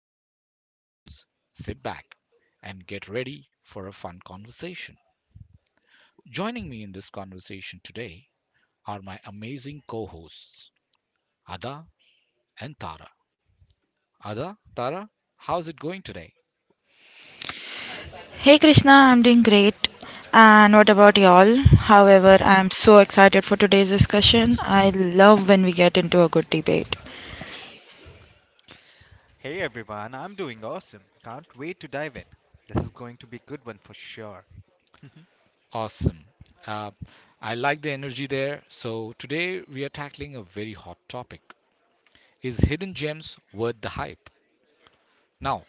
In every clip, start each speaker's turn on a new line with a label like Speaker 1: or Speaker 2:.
Speaker 1: So grab your headphones, sit back, and get ready for a fun conversation. Joining me in this conversation today are my amazing co hosts, Ada and Tara. Ada, Tara, how's it going today?
Speaker 2: Hey Krishna, I'm doing great. And what about y'all? However, I'm so excited for today's discussion. I love when we get into a good debate.
Speaker 3: Hey everyone, I'm doing awesome. Can't wait to dive in. This is going to be a good one for sure.
Speaker 1: Awesome. Uh, I like the energy there. So, today we are tackling a very hot topic. Is hidden gems worth the hype? Now,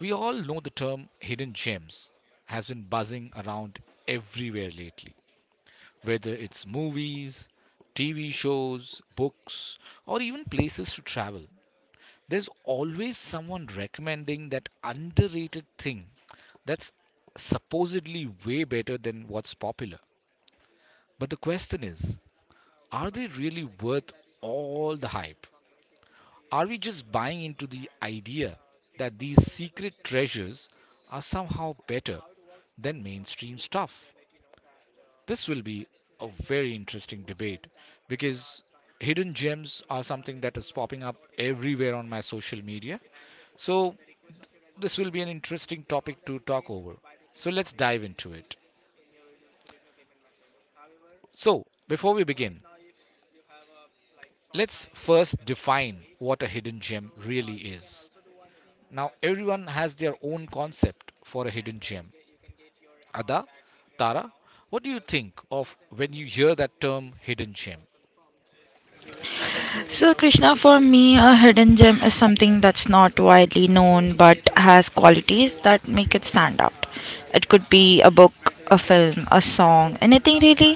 Speaker 1: we all know the term hidden gems has been buzzing around everywhere lately, whether it's movies, TV shows, books, or even places to travel. There's always someone recommending that underrated thing that's supposedly way better than what's popular. But the question is, are they really worth all the hype? Are we just buying into the idea that these secret treasures are somehow better than mainstream stuff? This will be a very interesting debate because hidden gems are something that is popping up everywhere on my social media. So, this will be an interesting topic to talk over. So, let's dive into it. So, before we begin, let's first define what a hidden gem really is. Now, everyone has their own concept for a hidden gem. Ada, Tara, what do you think of when you hear that term hidden gem?
Speaker 2: So, Krishna, for me, a hidden gem is something that's not widely known but has qualities that make it stand out. It could be a book, a film, a song, anything really.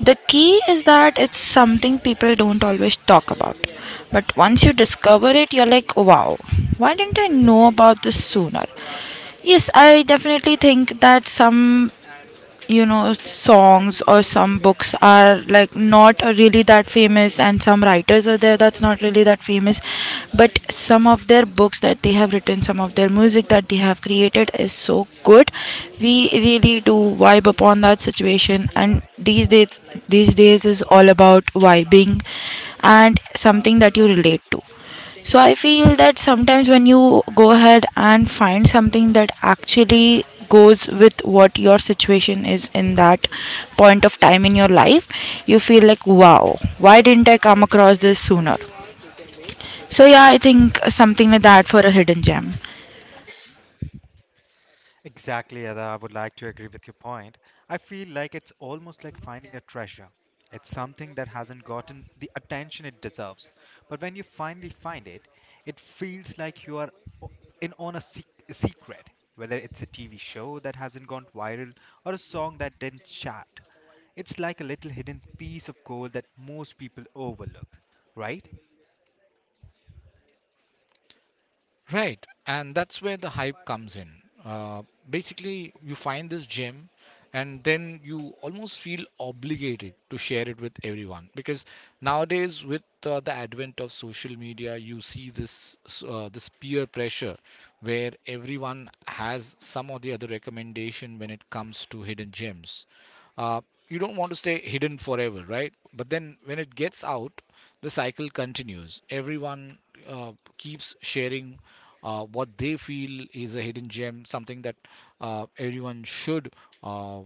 Speaker 2: The key is that it's something people don't always talk about. But once you discover it, you're like, wow, why didn't I know about this sooner? Yes, I definitely think that some songs or some books are like not really that famous, and some writers are there that's not really that famous, but some of their books that they have written, some of their music that they have created is so good. We really do vibe upon that situation. And these days, is all about vibing, and something that you relate to. So I feel that sometimes when you go ahead and find something that actually goes with what your situation is in that point of time in your life, you feel like, wow, why didn't I come across this sooner? So yeah, I think something like that for a hidden gem.
Speaker 3: Exactly, Ada. I would like to agree with your point. I feel like it's almost like finding a treasure. It's something that hasn't gotten the attention it deserves. But when you finally find it, it feels like you are o- in on a a secret. Whether it's a TV show that hasn't gone viral or a song that didn't chart, it's like a little hidden piece of gold that most people overlook, right?
Speaker 1: Right, and that's where the hype comes in. Basically, you find this gem, and then you almost feel obligated to share it with everyone because nowadays, with the advent of social media, you see this peer pressure where everyone has some or the other recommendation when it comes to hidden gems. Uh, you don't want to stay hidden forever, right? But then when it gets out, the cycle continues. Everyone uh, keeps sharing what they feel is a hidden gem, something that everyone should uh,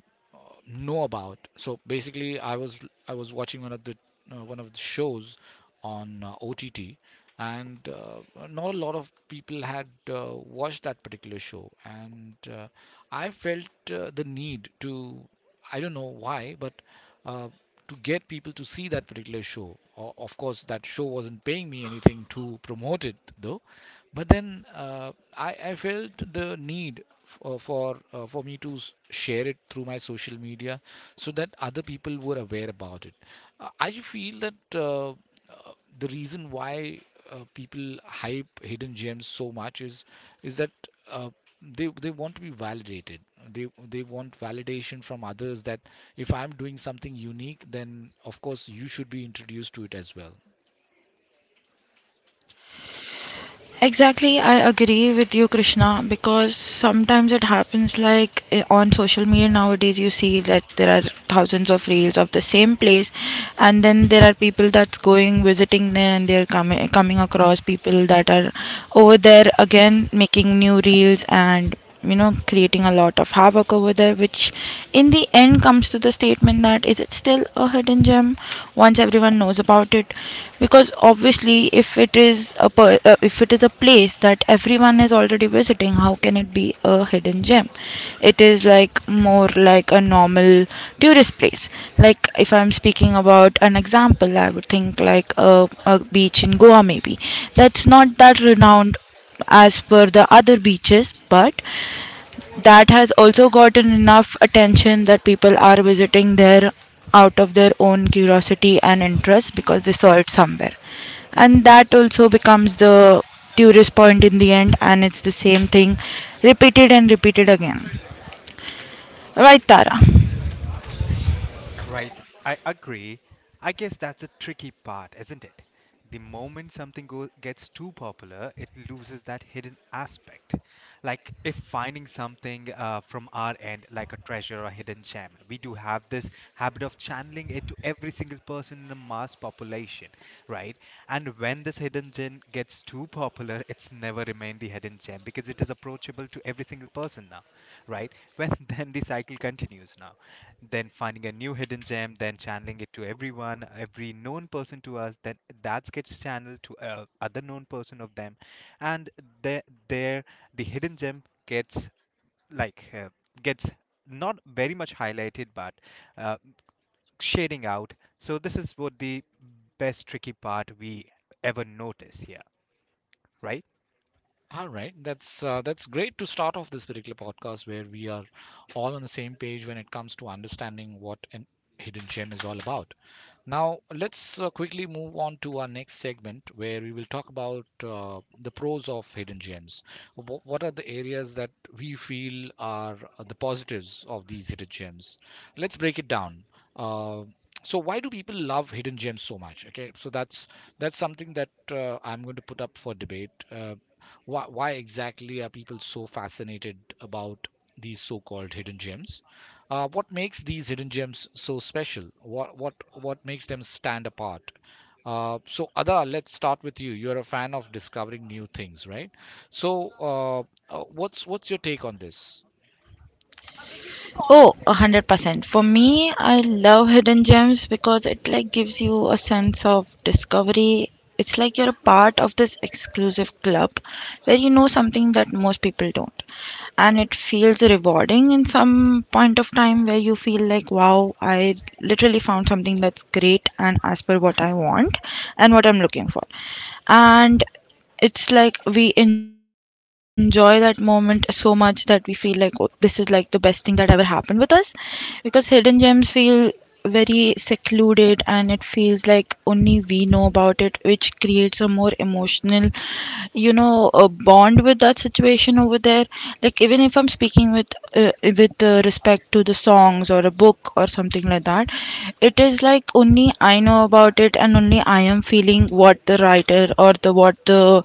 Speaker 1: know about. So basically, I was watching one of the shows on OTT, and not a lot of people had watched that particular show, and I felt the need to, I don't know why, but uh, to get people to see that particular show. Of course, that show wasn't paying me anything to promote it, though. But then I felt the need for me to share it through my social media so that other people were aware about it. I feel that the reason why people hype hidden gems so much is that. Uh, they want to be validated, they they want validation from others that if I'm doing something unique, then of course you should be introduced to it as well.
Speaker 2: Exactly, I agree with you, Krishna, because sometimes it happens like on social media nowadays, you see that there are thousands of reels of the same place, and then there are people that's going visiting there, and they're coming across people that are over there again making new reels and creating a lot of havoc over there, which in the end comes to the statement that, is it still a hidden gem once everyone knows about it? Because obviously, if it is a if it is a place that everyone is already visiting, how can it be a hidden gem? It is like more like a normal tourist place. Like, if I'm speaking about an example, I would think like a beach in Goa, maybe, that's not that renowned as per the other beaches, but that has also gotten enough attention that people are visiting there out of their own curiosity and interest because they saw it somewhere. And that also becomes the tourist point in the end, and it's the same thing repeated and repeated again, right, Tara?
Speaker 3: Right, I agree. I guess that's the tricky part, isn't it? The moment something gets too popular, it loses that hidden aspect. Like if finding something from our end, like a treasure or hidden gem, we do have this habit of channeling it to every single person in a mass population, right? And when this hidden gem gets too popular, it's never remained the hidden gem because it is approachable to every single person now, right? When then the cycle continues now, then finding a new hidden gem, then channeling it to everyone, every known person to us, then that gets channeled to other known person of them, and there, there the hidden gem gets like uh, gets not very much highlighted, but uh, shading out. So this is what the best tricky part we ever notice here, right?
Speaker 1: All right, that's great to start off this particular podcast where we are all on the same page when it comes to understanding what an hidden gem is all about. Now, let's quickly move on to our next segment where we will talk about the pros of hidden gems. What are the areas that we feel are the positives of these hidden gems? Let's break it down. Uh, so why do people love hidden gems so much? Okay, so that's something that I'm going to put up for debate. Why exactly are people so fascinated about these so-called hidden gems? What makes these hidden gems so special? What makes them stand apart? So Ada, let's start with you. You're a fan of discovering new things, right? So, what's your take on this?
Speaker 2: Oh, 100%. For me, I love hidden gems because it like gives you a sense of discovery. It's like you're a part of this exclusive club where you know something that most people don't. And it feels rewarding in some point of time where you feel like, wow, I literally found something that's great and as per what I want and what I'm looking for. And it's like we enjoy that moment so much that we feel like, oh, this is like the best thing that ever happened with us, because hidden gems feel very secluded and it feels like only we know about it, which creates a more emotional, a bond with that situation over there. Like, even if I'm speaking with respect to the songs or a book or something like that, it is like only I know about it, and only I am feeling what the writer or the what the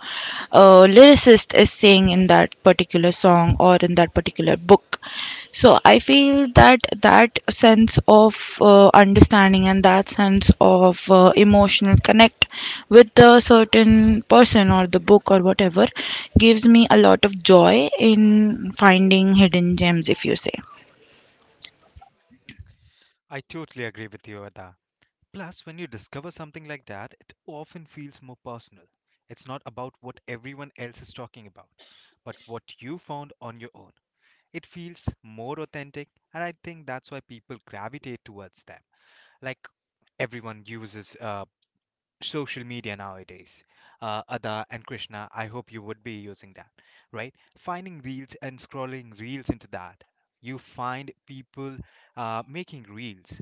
Speaker 2: lyricist is saying in that particular song or in that particular book. So I feel that that sense of understanding and that sense of emotional connect with the certain person or the book or whatever gives me a lot of joy in finding hidden gems, if you say.
Speaker 3: I totally agree with you, Ada. Plus, when you discover something like that, it often feels more personal. It's not about what everyone else is talking about, but what you found on your own. It feels more authentic, and I think that's why people gravitate towards them. Like everyone uses social media nowadays. Ada and Krishna, I hope you would be using that, right? Finding reels and scrolling reels into that. You find people making reels,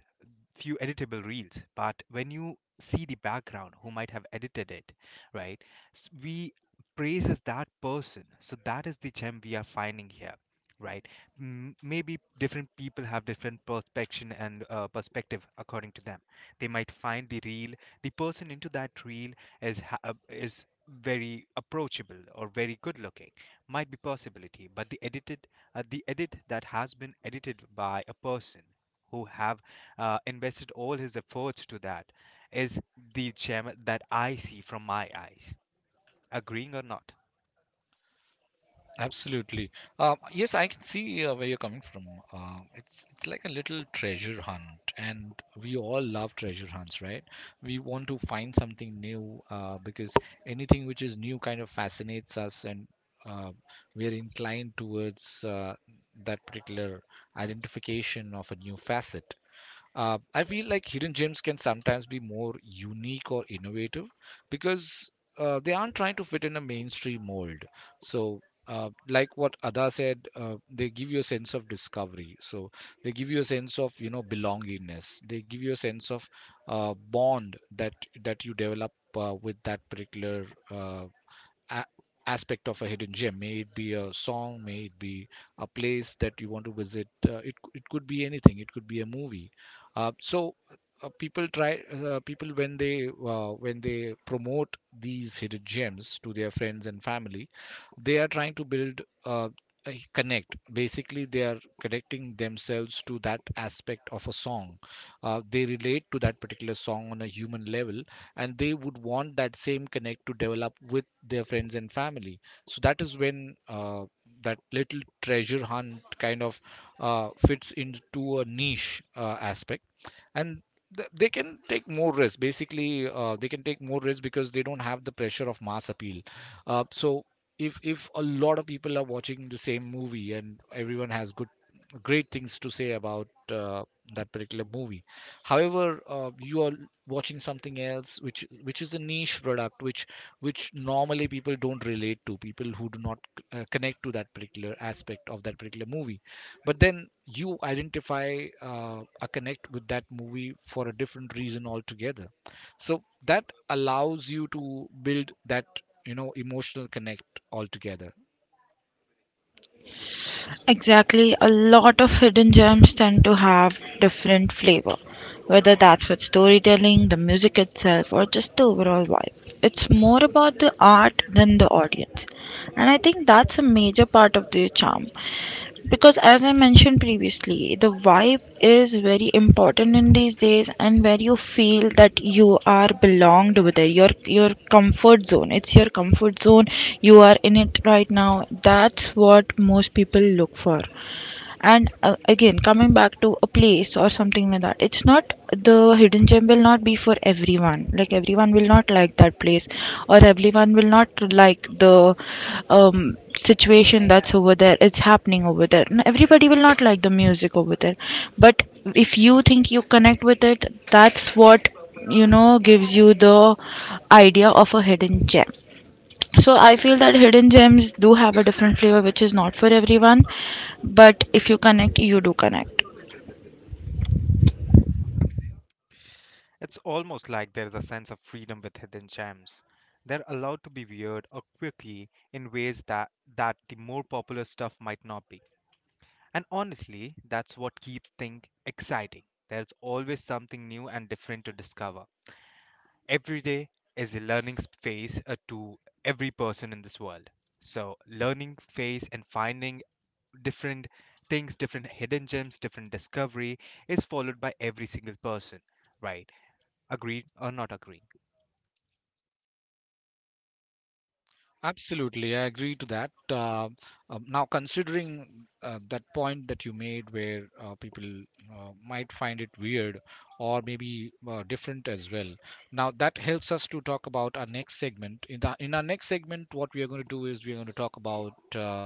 Speaker 3: few editable reels, but when you see the background who might have edited it, right? We praises that person, so that is the gem we are finding here, right? Maybe different people have different perspection and perspective according to them. They might find the reel, the person into that reel is is very approachable or very good looking, might be possibility, but the edited the edit that has been edited by a person who have invested all his efforts to that is the gem that I see from my eyes. Agreeing or not,
Speaker 1: Absolutely. Yes, I can see where you're coming from. It's like a little treasure hunt, and we all love treasure hunts, right? We want to find something new because anything which is new kind of fascinates us, and uh, we're inclined towards that particular identification of a new facet. I feel like hidden gems can sometimes be more unique or innovative because they aren't trying to fit in a mainstream mold. So, like what Ada said, they give you a sense of discovery. So they give you a sense of, you know, belongingness. They give you a sense of bond that you develop with that particular a- aspect of a hidden gem. May it be a song, may it be a place that you want to visit, it could be anything, it could be a movie. So people try people when they promote these hidden gems to their friends and family, they are trying to build a connect. Basically, they are connecting themselves to that aspect of a song. They relate to that particular song on a human level, and they would want that same connect to develop with their friends and family. So that is when that little treasure hunt kind of fits into a niche aspect, and they can take more risk. Basically, they can take more risk because they don't have the pressure of mass appeal. So if a lot of people are watching the same movie and everyone has good great things to say about that particular movie, however, you all watching something else, which is a niche product, which normally people don't relate to, people who do not connect to that particular aspect of that particular movie, but then you identify a connect with that movie for a different reason altogether. So that allows you to build that, you know, emotional connect altogether.
Speaker 2: Exactly. A lot of hidden gems tend to have different flavor, whether that's with storytelling, the music itself, or just the overall vibe. It's more about the art than the audience. And I think that's a major part of their charm, because as I mentioned previously, the vibe is very important in these days, and where you feel that you are belonged with it, your comfort zone, it's your comfort zone, you are in it right now. That's what most people look for. And again, coming back to a place or something like that, it's not, the hidden gem will not be for everyone. Like, everyone will not like that place, or everyone will not like the situation that's over there, it's happening over there, and everybody will not like the music over there. But if you think you connect with it, that's what gives you the idea of a hidden gem. So I feel that hidden gems do have a different flavor which is not for everyone, but if you connect, you do connect.
Speaker 3: it's almost like there is a sense of freedom with hidden gems. They're allowed to be weird or quirky in ways that the more popular stuff might not be. And honestly, that's what keeps things exciting. There's always something new and different to discover. Every day is a learning phase to every person in this world. So, learning phase and finding different things, different hidden gems, different discovery is followed by every single person, right? Agreed or not agreed?
Speaker 1: Absolutely, I agree to that. Now, considering that point that you made, where people might find it weird or maybe different as well, now that helps us to talk about our next segment. In our next segment, what we are going to do is we are going to talk about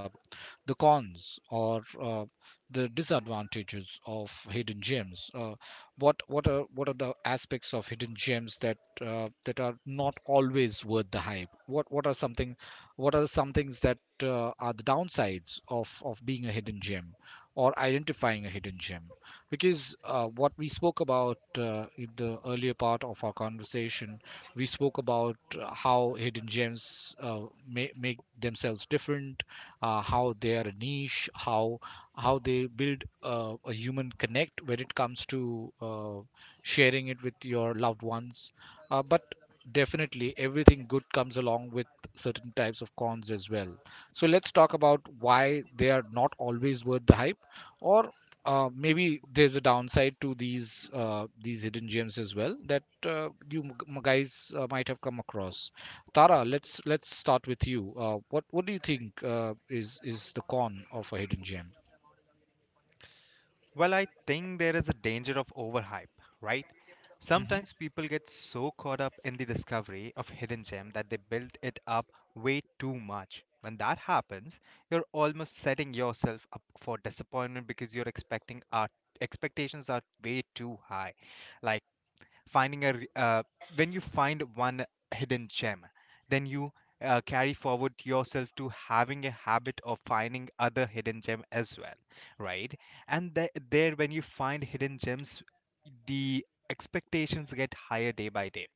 Speaker 1: the cons or the disadvantages of hidden gems. What are the aspects of hidden gems that that are not always worth the hype? What are something what are some things that are the downsides of being a hidden gem or identifying a hidden gem? Because what we spoke about in the earlier part of our conversation, we spoke about how hidden gems make themselves different, how they are a niche, how they build a human connect when it comes to sharing it with your loved ones. But definitely everything good comes along with certain types of cons as well. So let's talk about why they are not always worth the hype, or maybe there's a downside to these hidden gems as well that you guys might have come across. Tara, let's start with you. What do you think is the con of a hidden gem?
Speaker 3: Well, I think there is a danger of overhype, right?
Speaker 1: Mm-hmm.
Speaker 3: Sometimes people get so caught up in the discovery of hidden gem that they build it up way too much. When that happens, you're almost setting yourself up for disappointment because your expecting are expectations are way too high. Like finding a when you find one hidden gem, then you carry forward yourself to having a habit of finding other hidden gem as well, right? And there, when you find hidden gems, the expectations get higher day by day.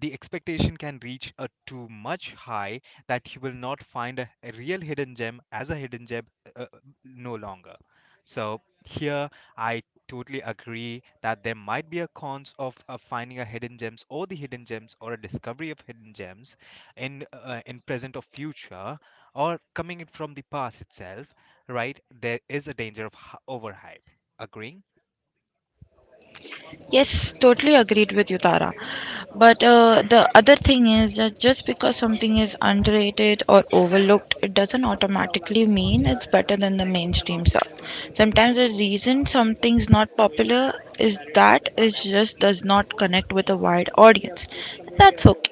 Speaker 3: The expectation can reach a too much high that you will not find a real hidden gem as a hidden gem uh, uh, no longer. So here I totally agree that there might be a cons of finding a hidden gems or the hidden gems or a discovery of hidden gems in present or future, or coming in from the past itself, right? There is a danger of overhype, agreeing,
Speaker 2: Yes, totally agreed with you, Tara. But the other thing is that just because something is underrated or overlooked, it doesn't automatically mean it's better than the mainstream stuff. Sometimes the reason something's not popular is that it just does not connect with a wide audience. That's okay.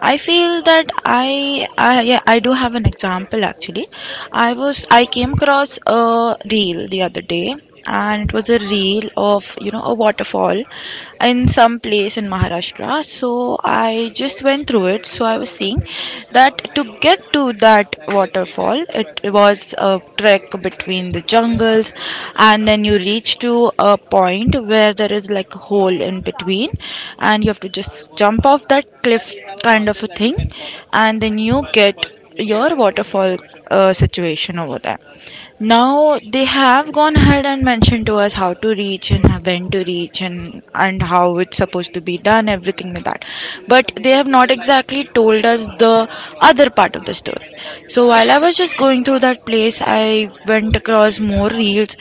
Speaker 2: I feel that I yeah, I do have an example actually. I came across a reel the other day, and it was a reel of a waterfall in some place in Maharashtra. So I just went through it. So I was seeing that to get to that waterfall, it was a trek between the jungles, and then you reach to a point where there is like a hole in between, and you have to just jump off that cliff kind of a thing, and then you get your waterfall situation over there. Now they have gone ahead and mentioned to us how to reach and when to reach, and how it's supposed to be done, everything like that, but they have not exactly told us the other part of the story. So while I was just going through that place, I went across more reels,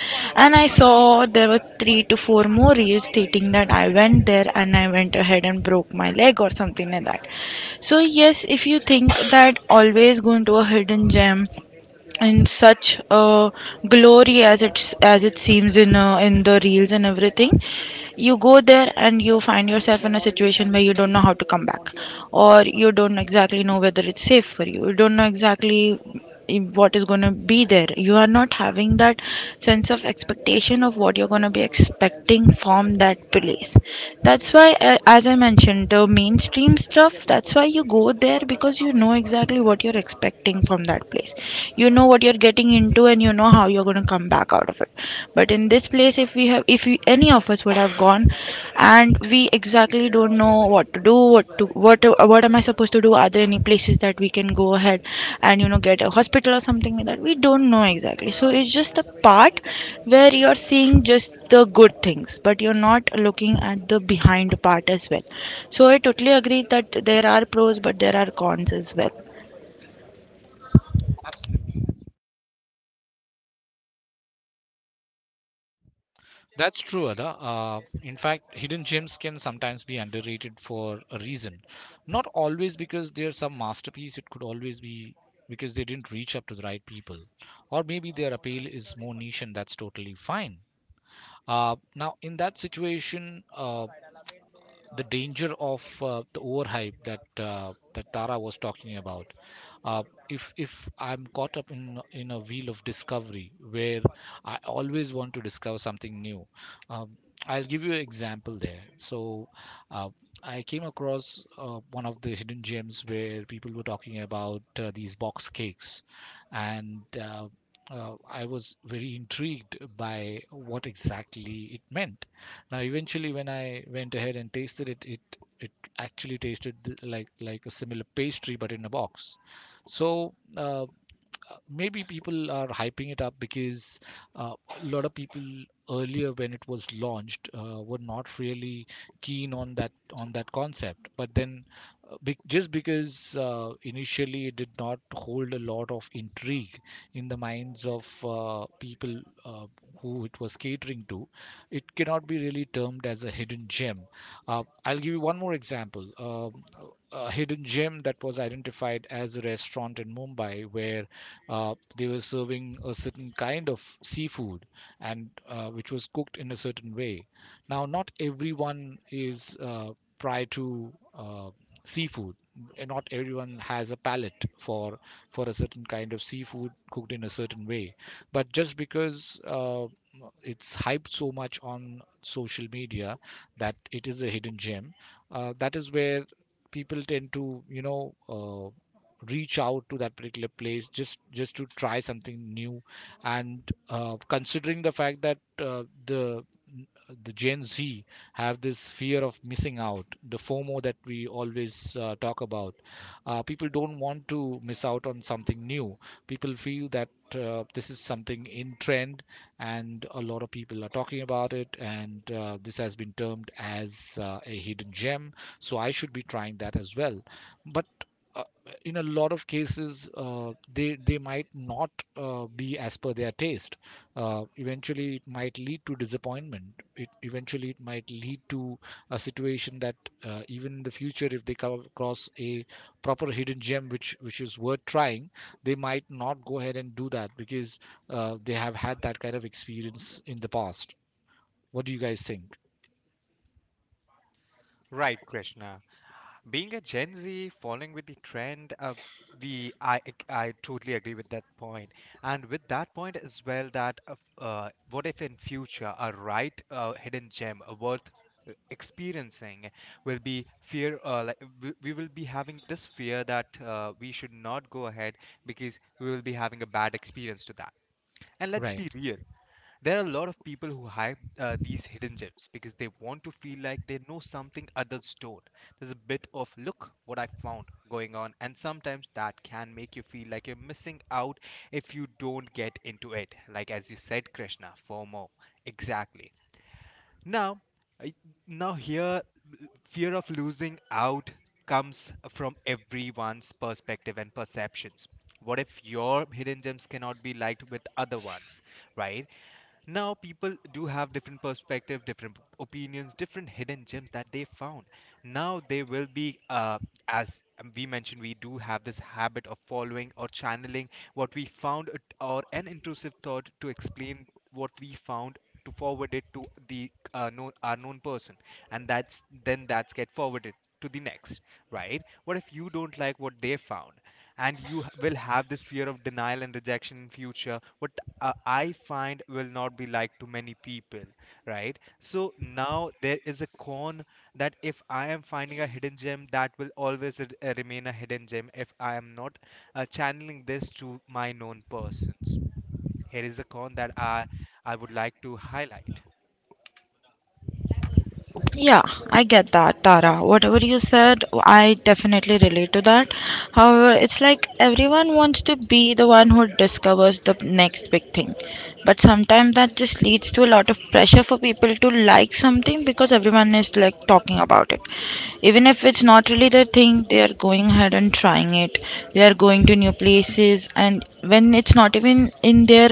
Speaker 2: and I saw there were 3 to 4 more reels stating that I went there and I went ahead and broke my leg or something like that. So yes, if you think that always going to a hidden gem in such uh, glory as it's as it seems in the reels and everything, you go there and you find yourself in a situation where you don't know how to come back, or you don't exactly know whether it's safe for you, you don't know exactly what is going to be there, you are not having that sense of expectation of what you're going to be expecting from that place. That's why, as I mentioned, the mainstream stuff, that's why you go there, because you know exactly what you're expecting starting from that place. You know what you're getting into and you know how you're going to come back out of it. But in this place, if we have, if we, any of us would have gone, and we exactly don't know what to do, what am I supposed to do? Are there any places that we can go ahead and, you know, get a hospital or something like that? We don't know exactly. So it's just the part where you're seeing just the good things, but you're not looking at the behind part as well. So I totally agree that there are pros, but there are cons as well.
Speaker 1: That's true, Ada. In fact, hidden gems can sometimes be underrated for a reason. Not always because they're some masterpiece, it could always be because they didn't reach up to the right people. Or maybe their appeal is more niche, and that's totally fine. Now, in that situation, the danger of the overhype that that Tara was talking about. Uh, if I'm caught up in a wheel of discovery where I always want to discover something new, um, I'll give you an example there. So. Uh, I came across one of the hidden gems where people were talking about these box cakes, and I was very intrigued by what exactly it meant. Now, eventually, when I went ahead and tasted it, it actually tasted like a similar pastry, but in a box. So maybe people are hyping it up because uh, a lot of people earlier when it was launched were not really keen on that concept, but then just because initially it did not hold a lot of intrigue in the minds of people who it was catering to, it cannot be really termed as a hidden gem. I'll give you one more example. A hidden gem that was identified as a restaurant in Mumbai where they were serving a certain kind of seafood, and which was cooked in a certain way. Now not everyone is prior to uh, seafood, and not everyone has a palate for a certain kind of seafood cooked in a certain way. But just because it's hyped so much on social media that it is a hidden gem, that is where people tend to reach out to that particular place just to try something new. And considering the fact that the Gen Z have this fear of missing out, the FOMO that we always talk about, people don't want to miss out on something new. People feel that this is something in trend and a lot of people are talking about it, and this has been termed as a hidden gem, so I should be trying that as well. But in a lot of cases they might not be as per their taste. Eventually it might lead to disappointment. It eventually it might lead to a situation that even in the future, if they come across a proper hidden gem which is worth trying, they might not go ahead and do that because they have had that kind of experience in the past. What do you guys think?
Speaker 3: right Krishna? Being a Gen Z, following with the trend, we I totally agree with that point, and with that point as well that what if in future a right hidden gem worth experiencing, will be fear like we will be having this fear that we should not go ahead because we will be having a bad experience to that. And let's
Speaker 1: Right.
Speaker 3: be real, there are a lot of people who hype these hidden gems because they want to feel like they know something others don't. There's a bit of look what I found going on, and sometimes that can make you feel like you're missing out if you don't get into it. Like as you said, Krishna, FOMO. Exactly. Now, I- now here, fear of losing out comes from everyone's perspective and perceptions. What if your hidden gems cannot be liked with other ones, right? Now people do have different perspective, different opinions, different hidden gems that they found. Now they will be as we mentioned, we do have this habit of following or channeling what we or an intrusive thought to explain what we found, to forward it to the known our known person, and that's get forwarded to the next, right? What if you don't like what they found? And you will have this fear of denial and rejection in future, what I find will not be like to many people, right? So now there is a con that if I am finding a hidden gem, that will always remain a hidden gem if I am not channeling this to my known persons. Here is a con that I would like to highlight.
Speaker 2: Yeah, I get that, Tara. Whatever you said, I definitely relate to that. However, it's like everyone wants to be the one who discovers the next big thing. But sometimes that just leads to a lot of pressure for people to like something because everyone is like talking about it. Even if it's not really their thing, they are going ahead and trying it. They are going to new places, and when it's not even in their,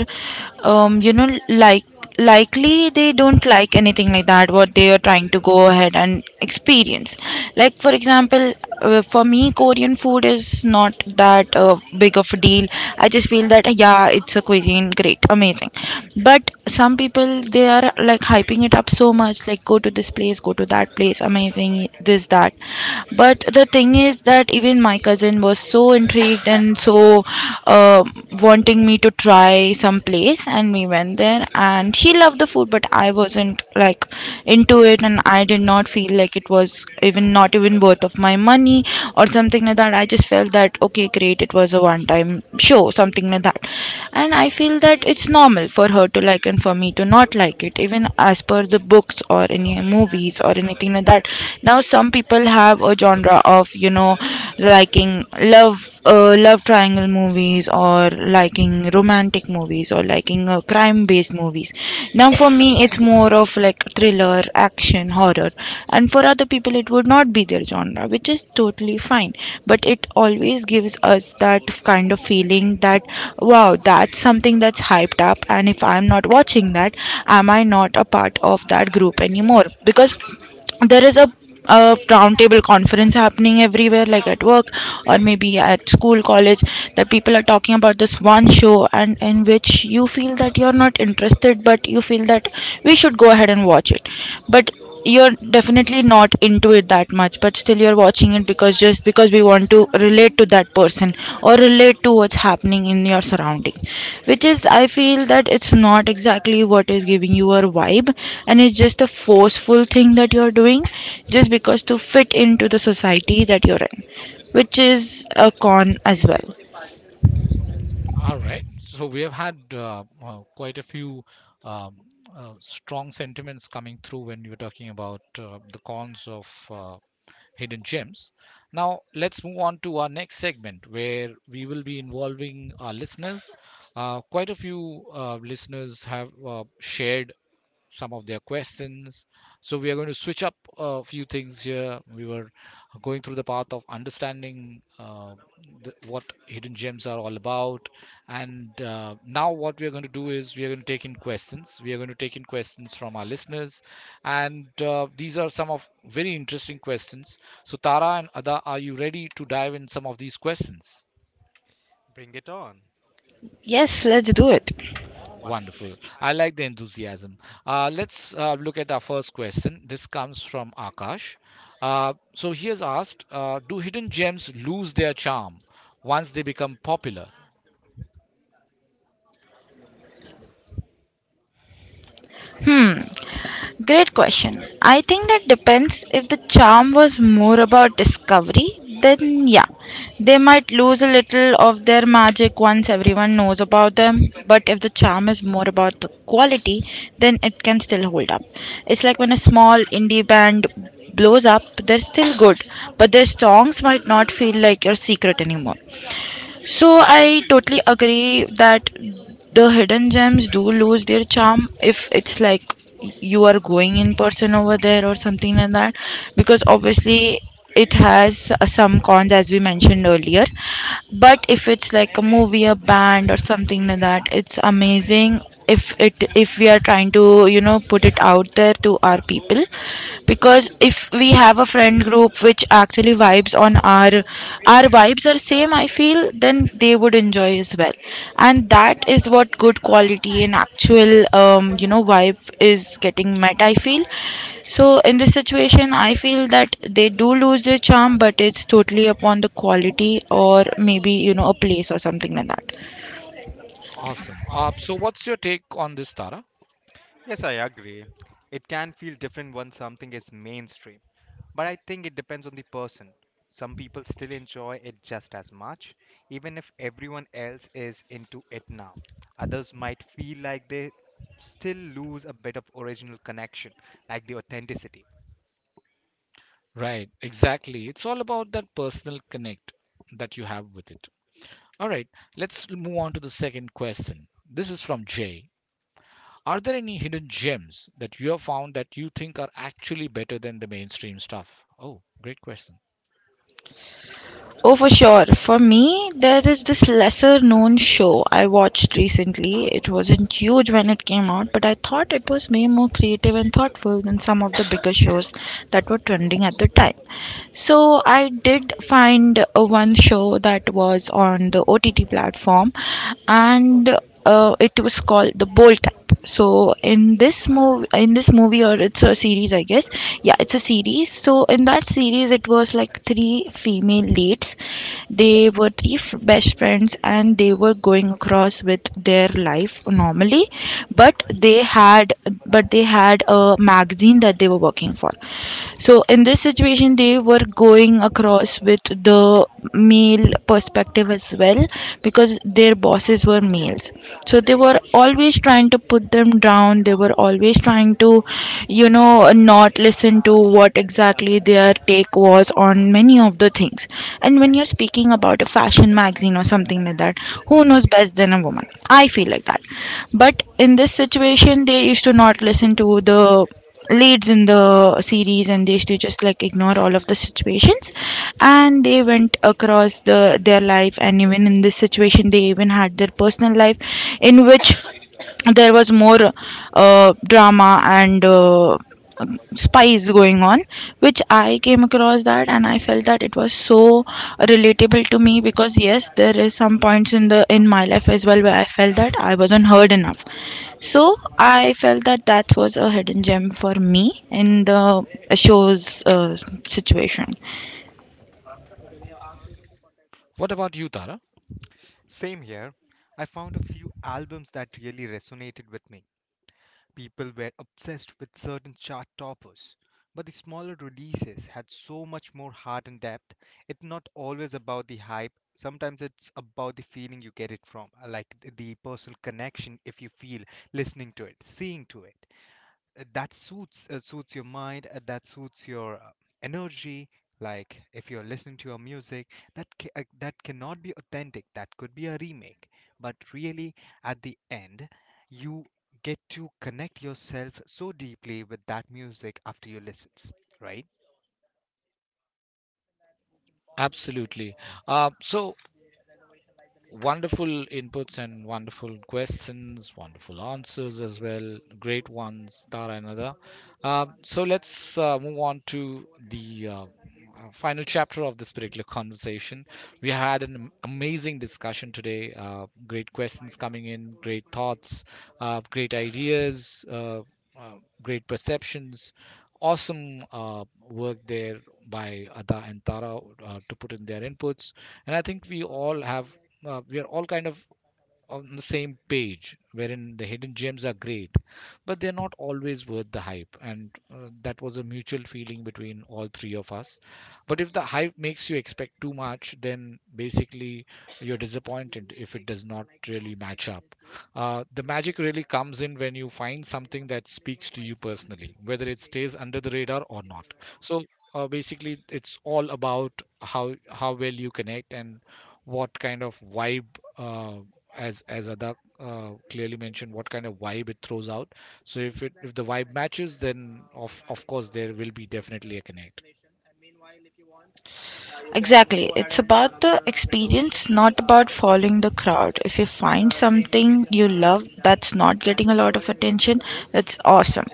Speaker 2: like likely they don't like anything like that what they are trying to go ahead and experience, like for example, for me Korean food is not that big of a deal. I just feel that, yeah, it's a cuisine, great, amazing, but some people they are like hyping it up so much, like go to this place, go to that place, amazing, this that. But the thing is that even my cousin was so intrigued and so uh, wanting me to try some place, and we went there, and she loved the food, but I wasn't like into it, and I did not feel like it was even, not even worth of my money or something like that. I just felt that okay, great, it was a one time show, something like that. And I feel that it's normal for her to like and for me to not like it. Even as per the books or any movies or anything like that, now some people have a genre of, you know, liking love, love triangle movies, or liking romance, romantic movies, or liking crime based movies. Now, for me, it's more of like thriller, action, horror, and for other people, it would not be their genre, which is totally fine. But it always gives us that kind of feeling that wow, that's something that's hyped up, and if I'm not watching that, am I not a part of that group anymore? Because there is a roundtable conference happening everywhere, like at work or maybe at school, college, that people are talking about this one show, and in which you feel that you're not interested, but you feel that we should go ahead and watch it. But you're definitely not into it that much, but still you're watching it because just because we want to relate to that person or relate to what's happening in your surroundings, which is, I feel that it's not exactly what is giving you a vibe, and it's just a forceful thing that you're doing just because to fit into the society that you're in, which is a con as well.
Speaker 1: All right. So we have had quite a few um, strong sentiments coming through when you were talking about the cons of hidden gems. Now, let's move on to our next segment where we will be involving our listeners. Quite a few listeners have shared some of their questions. So we are going to switch up a few things here. We were going through the path of understanding what hidden gems are all about, and now what we are going to do is we are going to take in questions. We are going to take in questions from our listeners, and these are some of very interesting questions. So Tara and Ada, are you ready to dive in some of these questions?
Speaker 3: Bring it on.
Speaker 2: Yes, let's do it.
Speaker 1: Wonderful. I like the enthusiasm. Let's look at our first question. This comes from Akash. So he has asked, do hidden gems lose their charm once they become popular?
Speaker 2: Hmm. Great question. I think that depends. If the charm was more about discovery, then yeah, they might lose a little of their magic once everyone knows about them. But if the charm is more about the quality, then it can still hold up. It's like when a small indie band blows up, they're still good, but their songs might not feel like your secret anymore. So I totally agree that the hidden gems do lose their charm if it's like you are going in person over there or something like that, because obviously it has some cons as we mentioned earlier. But if it's like a movie, a band, or something like that, it's amazing if it, if we are trying to, you know, put it out there to our people, because if we have a friend group which actually vibes on our vibes are same, I feel, then they would enjoy as well. And that is what good quality and actual, you know, vibe is getting met, I feel. So in this situation I feel that they do lose their charm, but it's totally upon the quality or maybe, you know, a place or something like that.
Speaker 1: Awesome. So, what's your take on this, Tara?
Speaker 3: Yes, I agree. It can feel different when something is mainstream, but I think it depends on the person. Some people still enjoy it just as much, even if everyone else is into it now. Others might feel like they still lose a bit of original connection, like the authenticity.
Speaker 1: Right, exactly. It's all about that personal connect that you have with it. All right, let's move on to the second question. This is from Jay. Are there any hidden gems that you have found that you think are actually better than the mainstream stuff? Oh, great question.
Speaker 2: Oh, for sure. For me, there is this lesser known show I watched recently. It wasn't huge when it came out, but I thought it was way more creative and thoughtful than some of the bigger shows that were trending at the time. So I did find one show that was on the OTT platform, and it was called The Bold Type. Yep. So in this movie, or it's a series, I guess. Yeah, it's a series. So in that series it was like three female leads, they were three best friends, and they were going across with their life normally, but they had, but they had a magazine that they were working for. So in this situation they were going across with the male perspective as well, because their bosses were males, so they were always trying to put them down, they were always trying to, you know, not listen to what exactly their take was on many of the things. And when you're speaking about a fashion magazine or something like that, who knows best than a woman, I feel like that. But in this situation they used to not listen to the leads in the series, and they used to just like ignore all of the situations, and they went across their life. And even in this situation they even had their personal life, in which there was more drama and spice going on, which I came across that and I felt that it was so relatable to me, because yes, there is some points in the in my life as well where I felt that I wasn't heard enough. So I felt that that was a hidden gem for me in the show's situation.
Speaker 1: What about you, Tara?
Speaker 3: Same here, I found a few albums that really resonated with me. People were obsessed with certain chart toppers, but the smaller releases had so much more heart and depth. It's not always about the hype, sometimes it's about the feeling you get it from, like the personal connection, if you feel listening to it, seeing to it, that suits suits your mind, that suits your energy. Like if you're listening to your music that that cannot be authentic, that could be a remake, but really at the end you get to connect yourself so deeply with that music after you listen, right?
Speaker 1: Absolutely. So wonderful inputs and wonderful questions, wonderful answers as well. Great ones, Tara and Ada. So let's move on to the final chapter of this particular conversation. We had an amazing discussion today. Great questions coming in, great thoughts, great ideas, uh, great perceptions. Awesome work there by Ada and Tara to put in their inputs. And I think we all have we are all kind of on the same page, wherein the hidden gems are great but they're not always worth the hype, and that was a mutual feeling between all three of us. But if the hype makes you expect too much, then basically you're disappointed if it does not really match up. The magic really comes in when you find something that speaks to you personally, whether it stays under the radar or not. So basically it's all about how well you connect and what kind of vibe uh, as Adak clearly mentioned, what kind of vibe it throws out. So if the vibe matches, then of course there will be definitely a connect.
Speaker 2: Exactly. It's about the experience, not about following the crowd. If you find something you love that's not getting a lot of attention, that's awesome.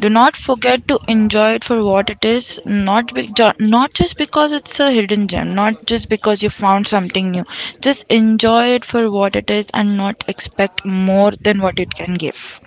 Speaker 2: Do not forget to enjoy it for what it is, not be, not just because it's a hidden gem, not just because you found something new. Just enjoy it for what it is and not expect more than what it can give.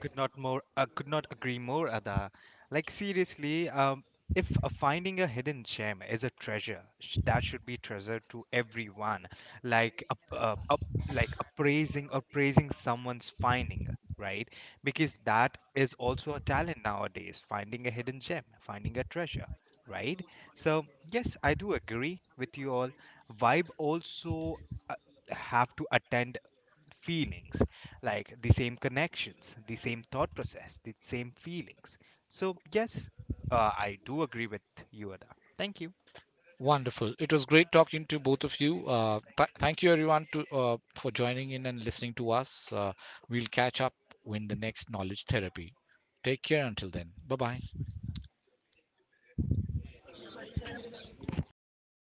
Speaker 3: Could not agree more, Ada. Like seriously, if finding a hidden gem is a treasure, that should be treasured to everyone. Like like appraising someone's finding, right? Because that is also a talent nowadays. Finding a hidden gem, finding a treasure, right? So yes, I do agree with you all. Vibe also uh, have to attend feelings, like the same connections, the same thought process, the same feelings. So, yes, I do agree with you, Ada. Thank you.
Speaker 1: Wonderful. It was great talking to both of you. Thank you everyone to for joining in and listening to us. We'll catch up in the next knowledge therapy. Take care until then. Bye bye.